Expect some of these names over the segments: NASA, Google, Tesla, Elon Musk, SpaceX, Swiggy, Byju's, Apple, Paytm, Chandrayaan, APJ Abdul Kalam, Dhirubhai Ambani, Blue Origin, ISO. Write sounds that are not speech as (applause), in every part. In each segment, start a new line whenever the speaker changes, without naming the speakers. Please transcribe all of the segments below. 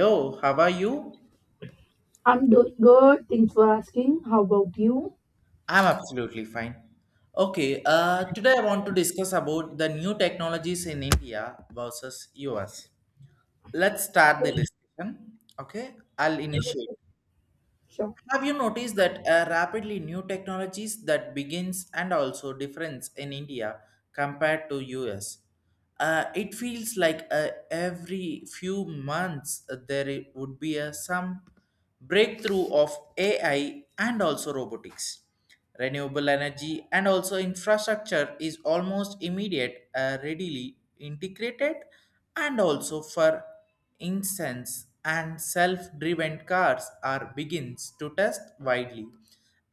Hello, how are you?
I'm doing good. Thanks for asking. How about you?
I'm absolutely fine. Okay, Today I want to discuss about the new technologies in India versus US. Let's start the discussion. Okay, I'll initiate.
Sure.
Have you noticed that rapidly new technologies that begins and also difference in India compared to US? It feels like every few months there would be some breakthrough of AI and also robotics. Renewable energy and also infrastructure is almost immediate, readily integrated, and also for incense and self-driven cars are begins to test widely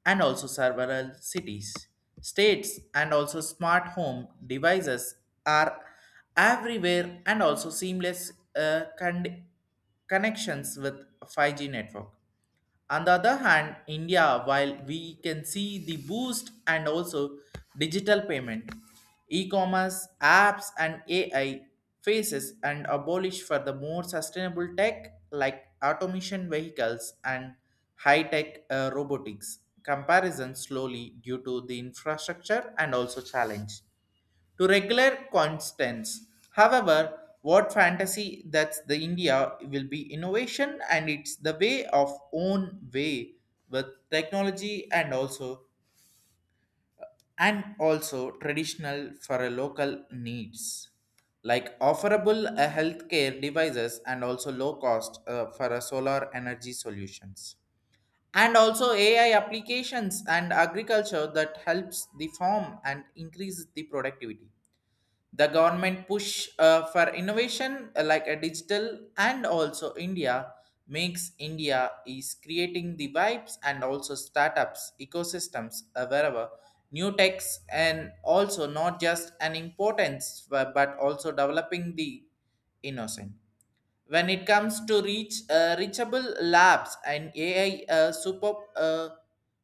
and also several cities, states, and also smart home devices are everywhere and also seamless connections with 5G network. On the other hand, India, while we can see the boost and also digital payment, e-commerce, apps, and AI faces and abolish for the more sustainable tech like automation vehicles and high-tech robotics. Comparison slowly due to the infrastructure and also challenge to regular constants. However, what fantasy that's the India will be innovation and it's the way of own way with technology and also traditional for a local needs like offerable healthcare devices and also low cost for a solar energy solutions and also ai applications and agriculture that helps the farm and increases the productivity. The government push for innovation like a digital and also india makes india is creating the vibes and also startups ecosystems wherever new techs and also not just an importance but also developing the innocent. When it comes to reach reachable labs and AI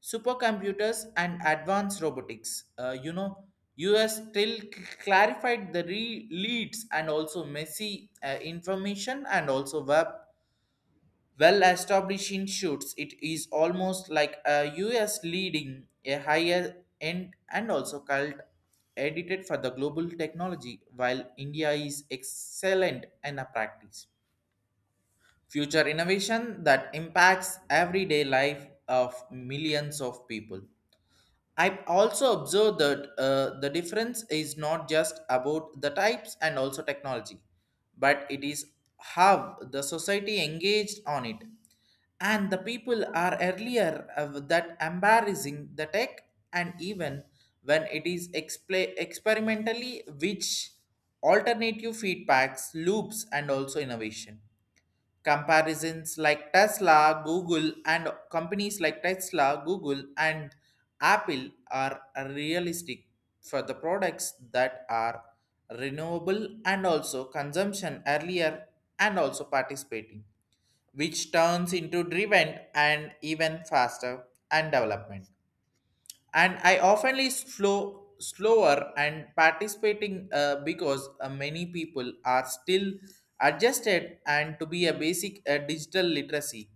supercomputers and advanced robotics. US still clarified the leads and also messy information and also web well establishing shoots. It is almost like a US leading a higher end and also cult edited for the global technology while India is excellent in a practice. Future innovation that impacts everyday life of millions of people. I also observe that the difference is not just about the types and also technology, but it is how the society engaged on it. And the people are earlier of that embarrassing the tech and even when it is expla experimentally which alternative feedbacks, loops and also innovation. Comparisons like Tesla, Google, and Companies like Tesla, Google, and Apple are realistic for the products that are renewable and also consumption earlier and also participating, which turns into driven and even faster and development and I oftenly slow slower and participating because many people are still adjusted and to be a basic digital literacy,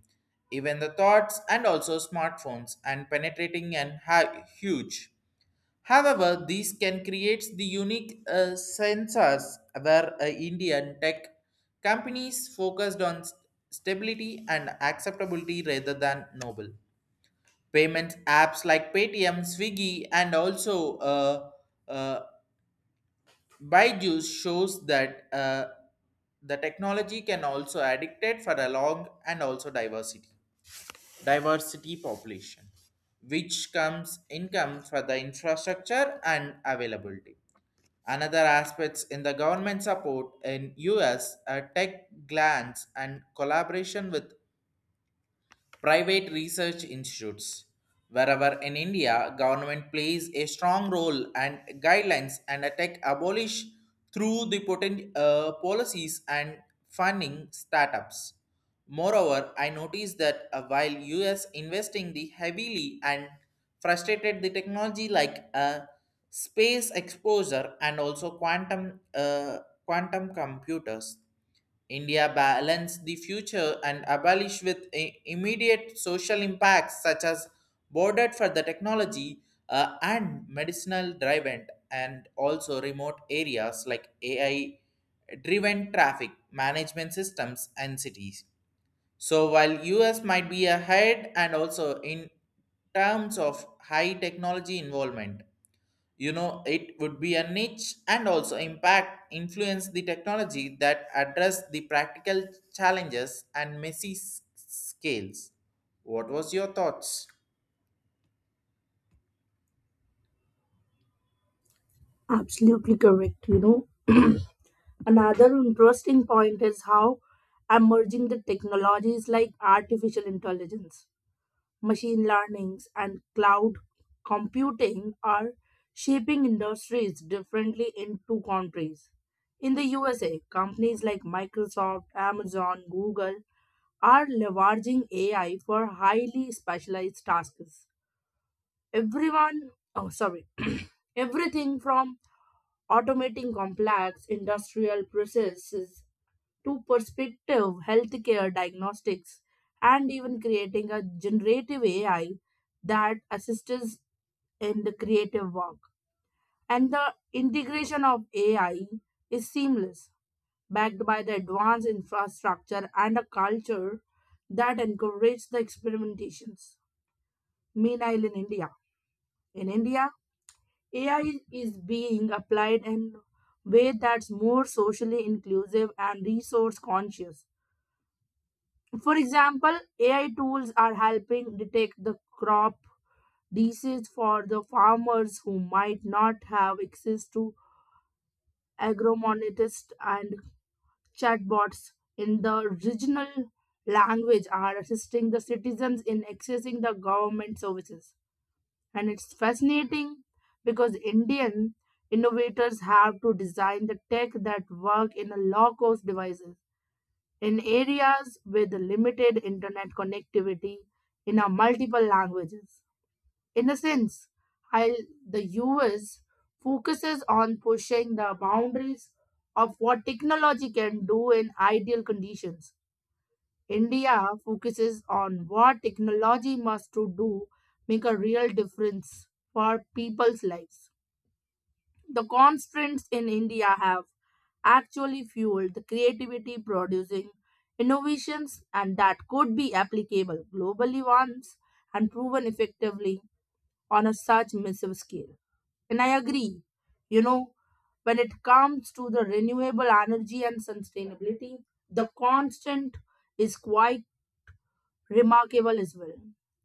even the thoughts and also smartphones and penetrating and huge. However these can create the unique sensors where indian tech companies focused on stability and acceptability rather than noble. Payment apps like Paytm, Swiggy, and also uh, Byju's shows that the technology can also addicted for a long and also diversity population, which comes income for the infrastructure and availability. Another aspects in the government support in US are tech grants and collaboration with private research institutes. Wherever in India, government plays a strong role and guidelines and attack abolish through the potent policies and funding startups. Moreover, I noticed that while US investing the heavily and frustrated the technology like space exposure and also quantum computers. India balance the future and abolish with immediate social impacts such as bordered for the technology, and medicinal driven and also remote areas like AI driven traffic management systems and cities. So while US might be ahead and also in terms of high technology involvement, you know it would be a niche and also impact influence the technology that address the practical challenges and messy scales. What was your thoughts?
Absolutely correct. You know, (clears throat) another interesting point is how emerging the technologies like artificial intelligence, machine learnings, and cloud computing are shaping industries differently in two countries. In the USA, companies like Microsoft, Amazon, Google are leveraging AI for highly specialized tasks. Everyone, oh, sorry, (clears throat) everything from automating complex industrial processes to perspective healthcare diagnostics and even creating a generative AI that assists in the creative work. And the integration of AI is seamless, backed by the advanced infrastructure and a culture that encourages the experimentations. Meanwhile, in India, AI is being applied in a way that's more socially inclusive and resource conscious. For example, AI tools are helping detect the crop disease for the farmers who might not have access to agronomists, and chatbots in the regional language are assisting the citizens in accessing the government services. And it's fascinating because Indian innovators have to design the tech that work in a low cost devices, in areas with limited internet connectivity, in a multiple languages. In a sense, while the US focuses on pushing the boundaries of what technology can do in ideal conditions, India focuses on what technology must to do make a real difference for people's lives. The constraints in India have actually fueled the creativity producing innovations and that could be applicable globally once and proven effectively on a such massive scale. And I agree, you know, when it comes to the renewable energy and sustainability, the constant is quite remarkable as well.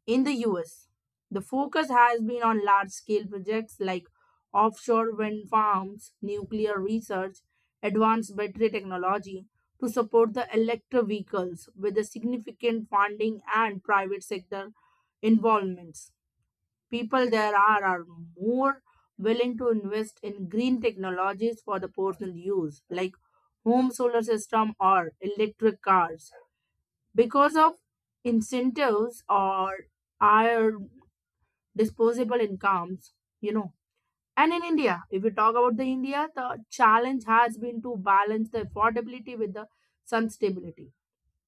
In the US, the focus has been on large scale projects like offshore wind farms, nuclear research, advanced battery technology to support the electric vehicles with a significant funding and private sector involvements. People there are more willing to invest in green technologies for the personal use like home solar system or electric cars because of incentives or our disposable incomes, you know. And in India, if we talk about the India, the challenge has been to balance the affordability with the sun stability.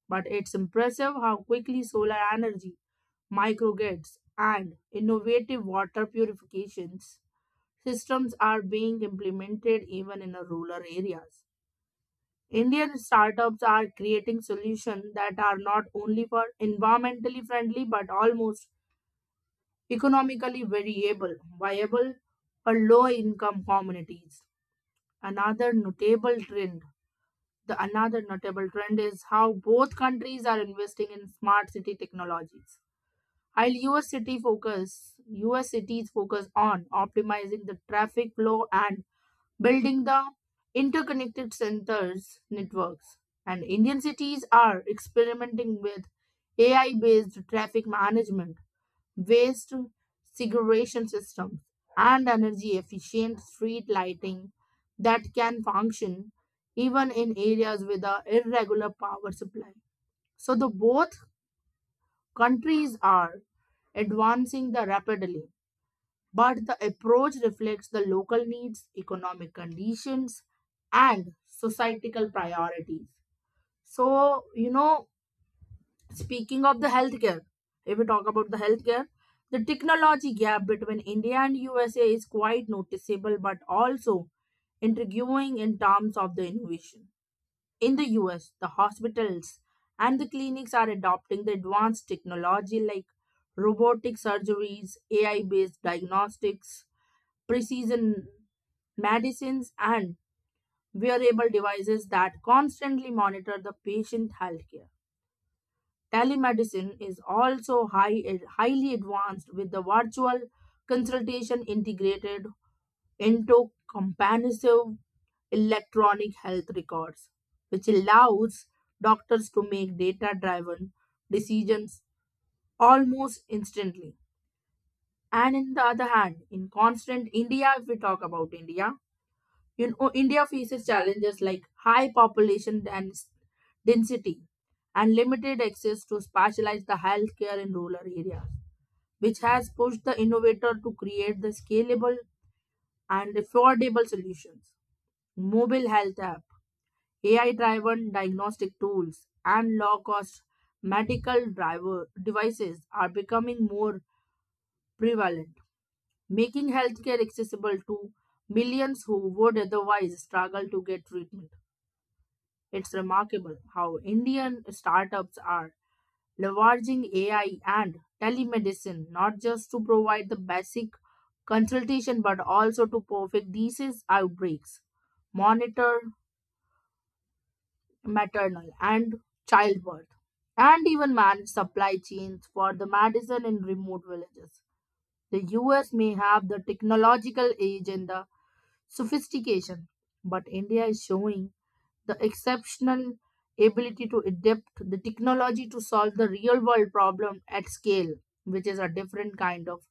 But it's impressive how quickly solar energy, microgrids, and innovative water purifications systems are being implemented even in the rural areas. Indian startups are creating solutions that are not only for environmentally friendly but almost economically viable for low income communities. Another notable trend, the another notable trend is how both countries are investing in smart city technologies. While US city focus, US cities focus on optimizing the traffic flow and building the interconnected centers networks. And Indian cities are experimenting with AI based traffic management, waste segregation systems, and energy efficient street lighting that can function even in areas with a irregular power supply. So the both countries are advancing the rapidly, but the approach reflects the local needs, economic conditions, and societal priorities. So, you know, speaking of the healthcare, if we talk about the healthcare, the technology gap between India and USA is quite noticeable but also intriguing in terms of the innovation. In the US, the hospitals and the clinics are adopting the advanced technology like robotic surgeries, AI based diagnostics, precision medicines, and wearable devices that constantly monitor the patient healthcare. Telemedicine is also highly advanced with the virtual consultation integrated into comprehensive electronic health records, which allows doctors to make data driven decisions almost instantly. And on the other hand, in constant India, if we talk about India, you know, India faces challenges like density and limited access to specialized the healthcare in rural areas, which has pushed the innovator to create the scalable and affordable solutions. Mobile health app, AI-driven diagnostic tools, and low-cost medical driver devices are becoming more prevalent, making healthcare accessible to millions who would otherwise struggle to get treatment. It's remarkable how Indian startups are leveraging AI and telemedicine not just to provide the basic consultation but also to perfect disease outbreaks, monitor maternal and childbirth, and even manage supply chains for the medicine in remote villages. The US may have the technological age and the sophistication, but India is showing the exceptional ability to adapt the technology to solve the real world problem at scale, which is a different kind of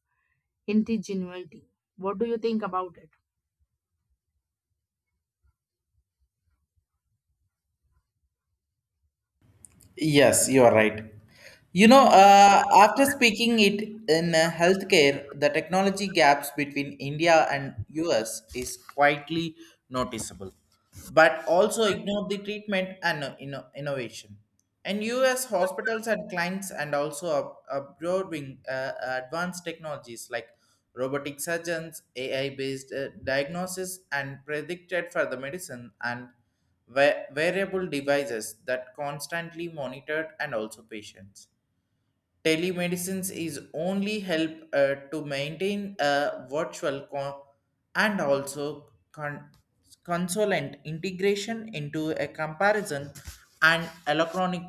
ingenuity. What do you think about it?
Yes, you are right. After speaking it in healthcare, the technology gaps between India and US is quietly noticeable, but also ignore the treatment and innovation. And US hospitals and clients and also absorbing advanced technologies like robotic surgeons, AI-based diagnosis, and predicted for the medicine and wearable devices that constantly monitored and also patients. Telemedicine is only help to maintain a virtual and also con- consolent integration into a comparison and electronic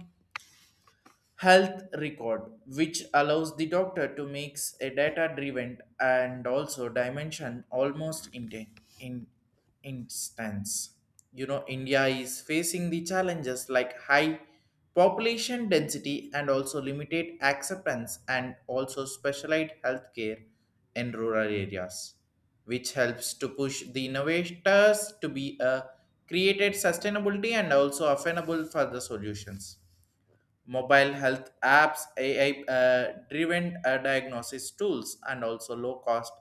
health record which allows the doctor to mix a data driven and also dimension almost in instance. You know, india is facing the challenges like high population density and also limited acceptance and also specialized healthcare in rural areas, which helps to push the innovators to be a created sustainability and also affordable for the solutions. Mobile health apps, AI driven diagnosis tools, and also low cost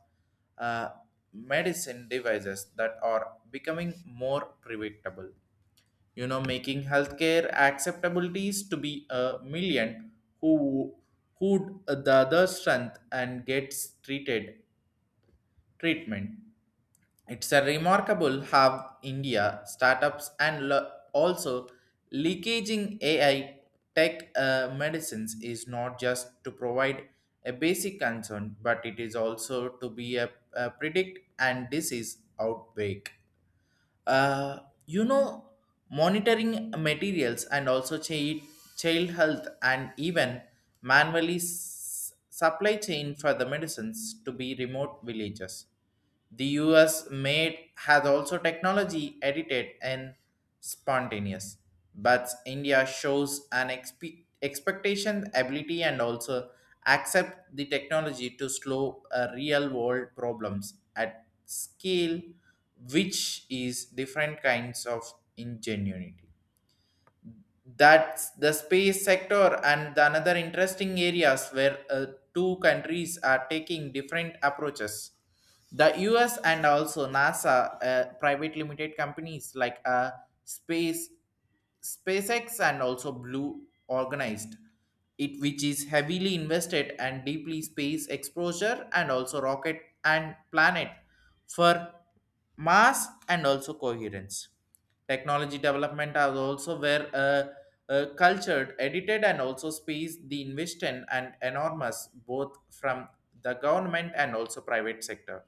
uh, medicine devices that are becoming more predictable. You know, making healthcare acceptabilities to be a million who who the other strength and gets treated treatment. It's a remarkable how India startups and also leakaging AI tech medicines is not just to provide a basic concern, but it is also to be a predict and disease outbreak. uh, you know Monitoring materials and also child health and even manually supply chain for the medicines to be remote villages. The us made has also technology edited and spontaneous, but india shows an expectation ability and also accept the technology to slow real world problems at scale, which is different kinds of ingenuity. That's the space sector and the another interesting areas where two countries are taking different approaches. The US and also NASA, private limited companies like Space SpaceX and also Blue organized it, which is heavily invested and deeply space exposure and also rocket and planet for mass and also coherence. Technology development are also where cultured, edited, and also space the investment and enormous both from the government and also private sector.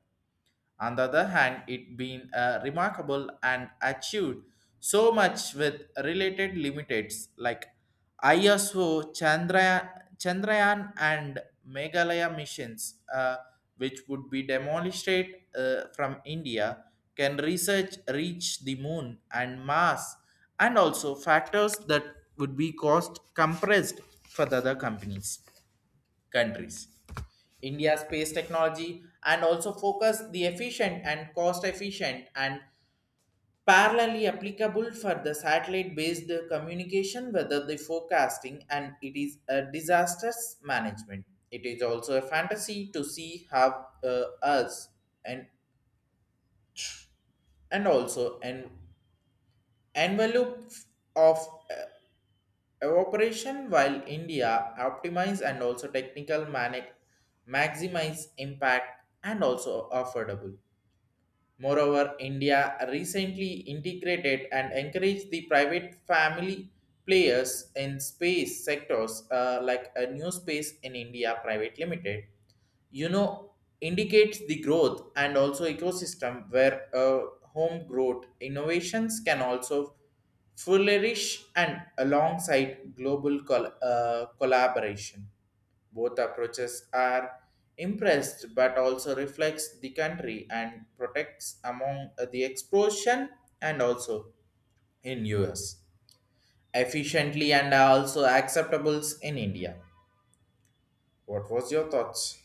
On the other hand, it been remarkable and achieved so much with related limits like ISO, Chandrayaan and Meghalaya missions, which would be demonstrated from India, can research reach the moon and Mars, and also factors that would be cost compressed for the other companies countries. India's space technology and also focus the efficient and cost efficient and parallelly applicable for the satellite based communication whether the forecasting and it is a disasters management. It is also a fantasy to see how us and and also an envelope of uh, evaporation while india optimize and also technical manic maximize impact and also affordable. Moreover, India recently integrated and encouraged the private family players in space sectors like a new space in India Private Limited. You know, indicates the growth and also ecosystem where home growth innovations can also flourish and alongside global collaboration. Both approaches are impressed but also reflects the country and protects among the explosion and also in us efficiently and are also acceptables in india. What was your thoughts?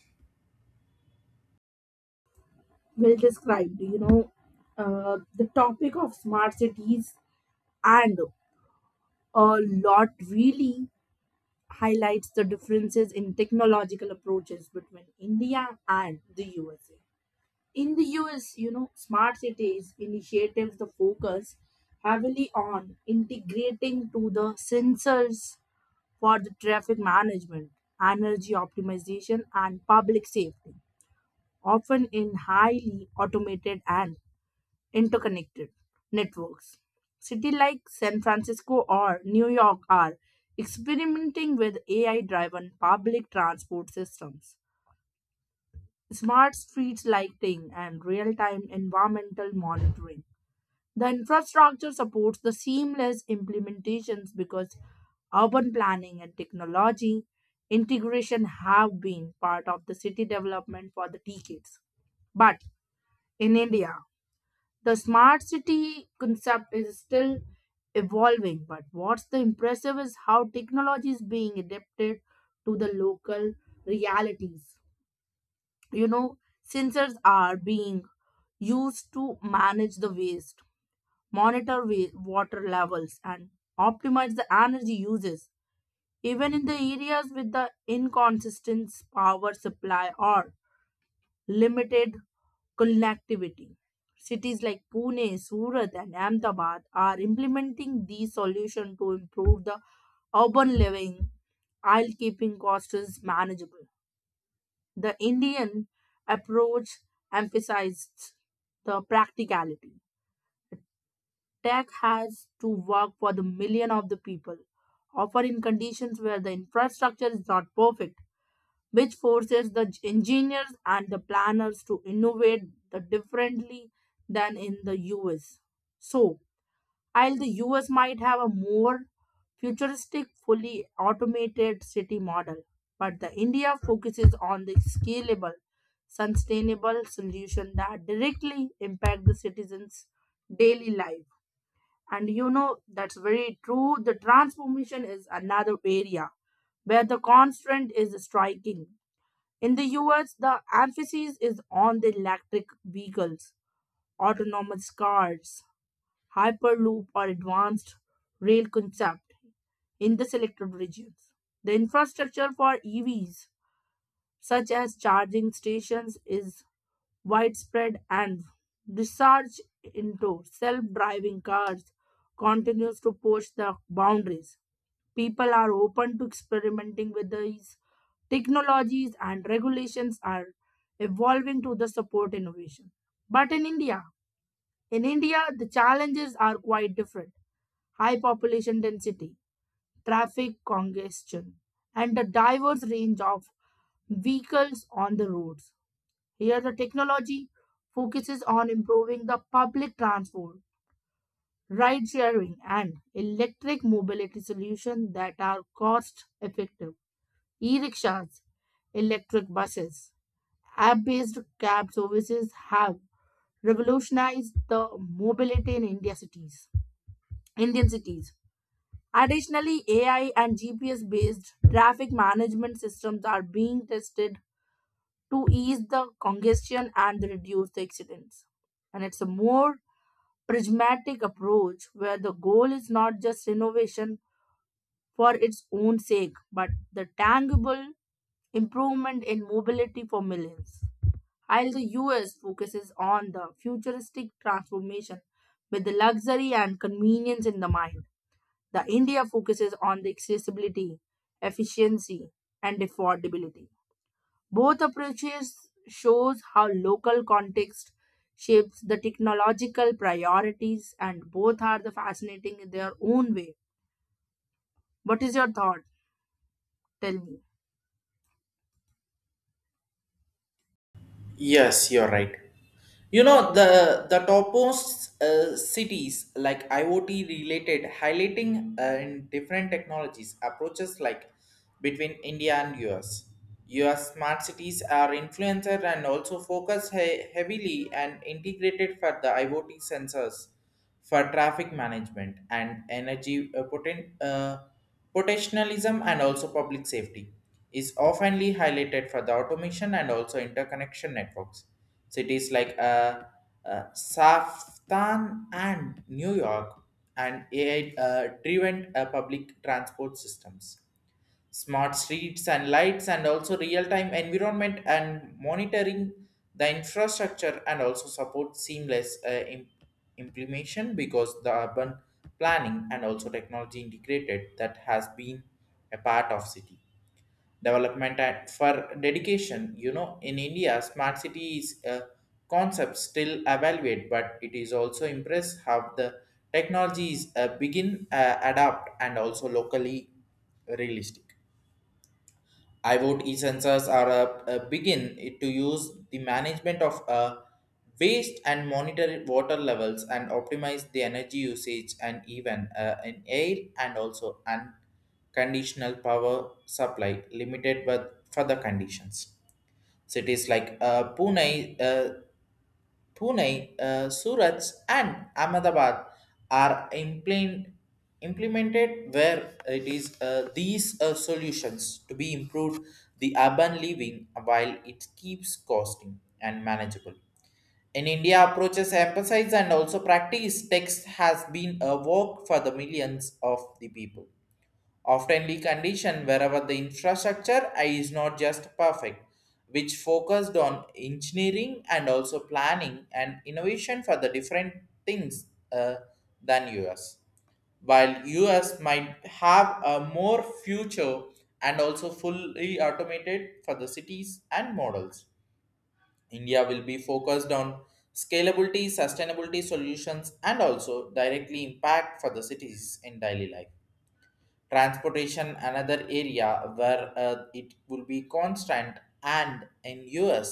Well described, you know, the topic of smart cities and a lot really highlights the differences in technological approaches between India and the USA. In the US, you know, smart cities initiatives the focus heavily on integrating to the sensors for the traffic management, energy optimization and public safety, often in highly automated and interconnected networks. Cities like San Francisco or New York are experimenting with AI driven public transport systems, smart streets lighting, and real time environmental monitoring. The infrastructure supports the seamless implementations because urban planning and technology integration have been part of the city development for the decades. But in India, the smart city concept is still evolving, but what's the impressive is how technology is being adapted to the local realities. You know, sensors are being used to manage the waste, water levels, and optimize the energy uses, even in the areas with the inconsistent power supply or limited connectivity. Cities like Pune, Surat, and Ahmedabad are implementing these solutions to improve the urban living while keeping costs manageable. The Indian approach emphasizes the practicality. Tech has to work for the million of the people, often in conditions where the infrastructure is not perfect, which forces the engineers and the planners to innovate the differently than in the US. So, while the US might have a more futuristic, fully automated city model, but the India focuses on the scalable, sustainable solution that directly impact the citizens' daily life. And you know that's very true. The transformation is another area where the constraint is striking. In the US, the emphasis is on the electric vehicles, autonomous cars, hyperloop, or advanced rail concept in the selected regions. The infrastructure for EVs, such as charging stations, is widespread and research into self-driving cars continues to push the boundaries. People are open to experimenting with these technologies and regulations are evolving to the support innovation. But in India, the challenges are quite different. High population density, traffic congestion, and a diverse range of vehicles on the roads. Here, the technology focuses on improving the public transport, ride sharing, and electric mobility solutions that are cost effective. E rickshaws, electric buses, app based cab services have revolutionized the mobility in India cities. Indian cities. Additionally, AI and GPS based traffic management systems are being tested to ease the congestion and reduce the accidents. And it's a more pragmatic approach where the goal is not just innovation for its own sake, but the tangible improvement in mobility for millions. While the US focuses on the futuristic transformation with the luxury and convenience in the mind, the India focuses on the accessibility, efficiency, and affordability. Both approaches shows how local context shapes the technological priorities and both are the fascinating in their own way. What is your thought? Tell me.
Yes, you're right. You know, the topmost cities like IoT related, highlighting in different technologies approaches like between India and US. US smart cities are influencer and also focus heavily and integrated for the IoT sensors for traffic management and energy potentialism and also public safety is oftenly highlighted for the automation and also interconnection networks. Cities like Saftan and New York and AI-driven public transport systems, smart streets and lights and also real-time environment and monitoring. The infrastructure and also support seamless implementation because the urban planning and also technology integrated that has been a part of city development and for dedication. You know, in india smart city is a concept still evaluate, but it is also impressed how the technologies begin adapt and also locally realistic. I vote e-sensors are a begin to use the management of waste and monitor water levels and optimize the energy usage and even in air and also unconditional power supply limited with further conditions. Cities like Pune, Surat, and Ahmedabad are implemented where it is these solutions to be improved the urban living while it keeps costing and manageable. In India, approaches emphasize and also practice text has been a work for the millions of the people oftenly conditioned wherever the infrastructure I is not just perfect, which focused on engineering and also planning and innovation for the different things uh, than US. While US might have a more future and also fully automated for the cities and models, India will be focused on scalability, sustainability solutions, and also directly impact for the cities in daily life. Transportation another area where it will be constant, and in us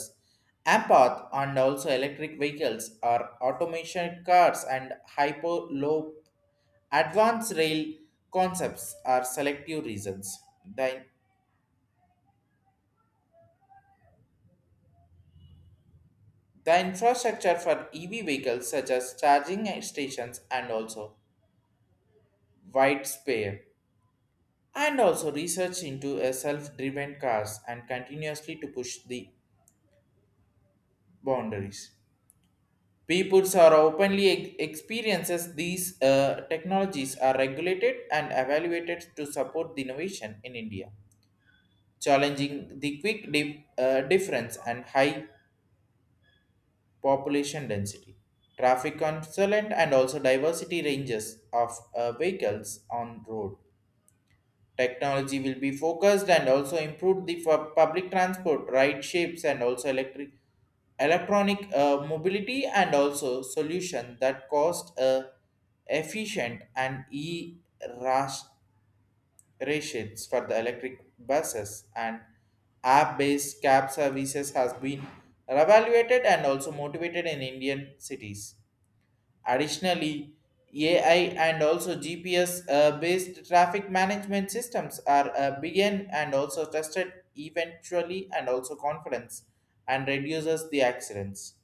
apath and also electric vehicles are automation cars and hyper low advanced rail concepts are selective reasons. the, the infrastructure for ev vehicles such as charging stations and also wide spare and also research into a self-driven cars and continuously to push the boundaries. Peoples are openly experiences these technologies are regulated and evaluated to support the innovation in India, challenging the quick difference and high population density. Traffic consultant and also diversity ranges of vehicles on road. Technology will be focused and also improve the public transport, ride shapes, and also electric electronic mobility and also solution that cost efficient and e rash- rations for the electric buses and app-based cab services has been evaluated and also motivated in Indian cities. Additionally, AI and also GPS based traffic management systems are begin and also tested eventually and also confidence and reduces the accidents.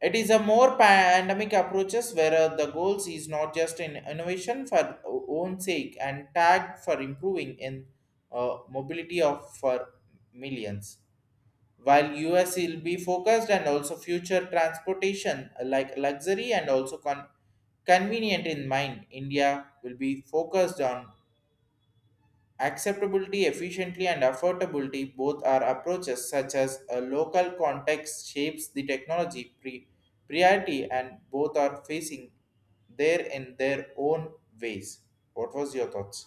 It is a more pandemic approaches where the goals is not just in innovation for own sake and tag for improving in mobility of for millions. While us will be focused and also future transportation like luxury and also convenient in mind, india will be focused on acceptability, efficiently, and affordability. Both are approaches such as a local context shapes the technology priority and both are facing there in their own ways. What was your thoughts?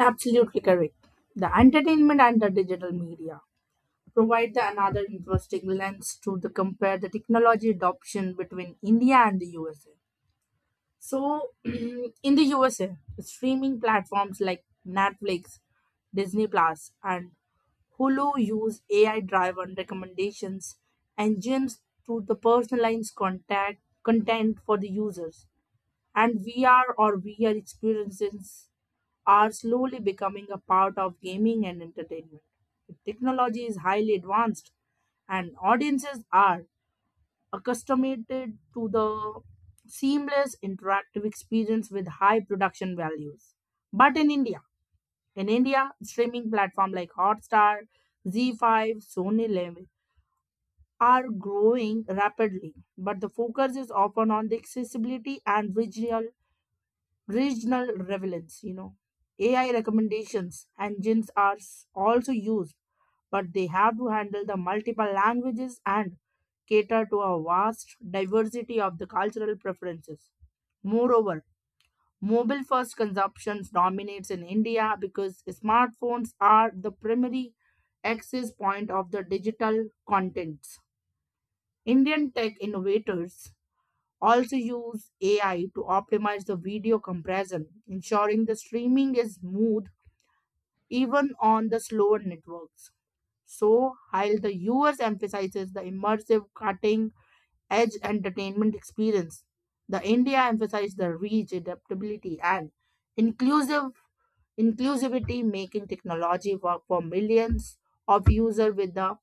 Absolutely correct. The entertainment and the digital media provide the another interesting lens to the compare the technology adoption between India and the USA. So, (clears throat) in the USA, streaming platforms like Netflix, Disney Plus, and Hulu use AI driven recommendations engines to the content for the users. And VR experiences are slowly becoming a part of gaming and entertainment. The technology is highly advanced, and audiences are accustomed to the seamless interactive experience with high production values. But in India, streaming platforms like Hotstar, Z5, Sony Live are growing rapidly, but the focus is often on the accessibility and regional relevance. You know, AI recommendations engines are also used, but they have to handle the multiple languages and cater to a vast diversity of the cultural preferences. Moreover, mobile first consumption dominates in India because smartphones are the primary access point of the digital contents. Indian tech innovators also use AI to optimize the video compression, ensuring the streaming is smooth even on the slower networks. So, while the US emphasizes the immersive cutting edge entertainment experience, the India emphasizes the reach, adaptability, and inclusive inclusivity, making technology work for millions of users with the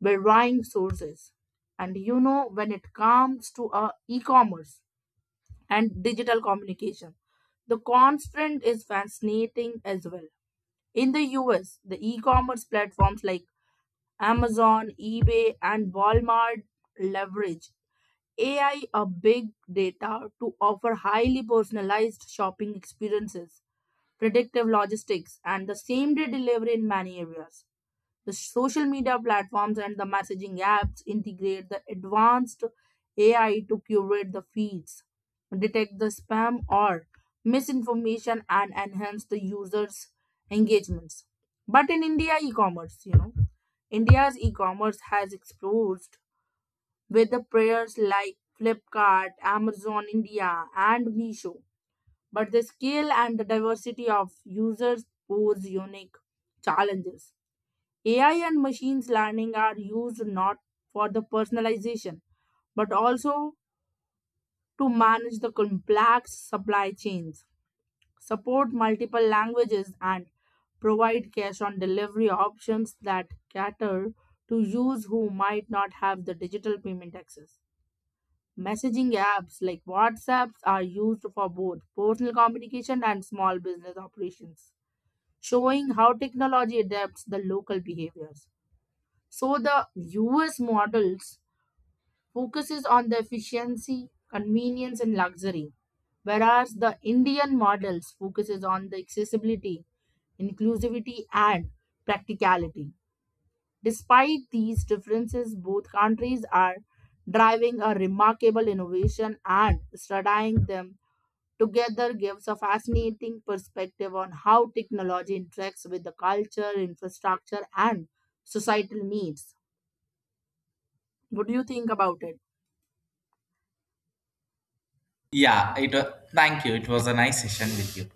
varying sources. And you know, when it comes to e-commerce, and digital communication. The constant is fascinating as well. In the US, the e commerce platforms like Amazon, eBay, and Walmart leverage AI or big data to offer highly personalized shopping experiences, predictive logistics, and the same day delivery in many areas. The social media platforms and the messaging apps integrate the advanced AI to curate the feeds, detect the spam or misinformation, and enhance the users' engagements. But in India, e commerce, you know, India's e commerce has exposed with the players like Flipkart, Amazon India, and Meesho. But the scale and the diversity of users pose unique challenges. AI and machines learning are used not for the personalization, but also to manage the complex supply chains, support multiple languages, and provide cash on delivery options that cater to users who might not have the digital payment access. Messaging apps like WhatsApp are used for both personal communication and small business operations, showing how technology adapts the local behaviors. So the US models focuses on the efficiency, convenience and luxury, whereas the Indian models focuses on the accessibility, inclusivity and practicality. Despite these differences, both countries are driving a remarkable innovation and studying them together gives a fascinating perspective on how technology interacts with the culture, infrastructure and societal needs. What do you think about it?
Yeah, it was, Thank you. It was a nice session with you.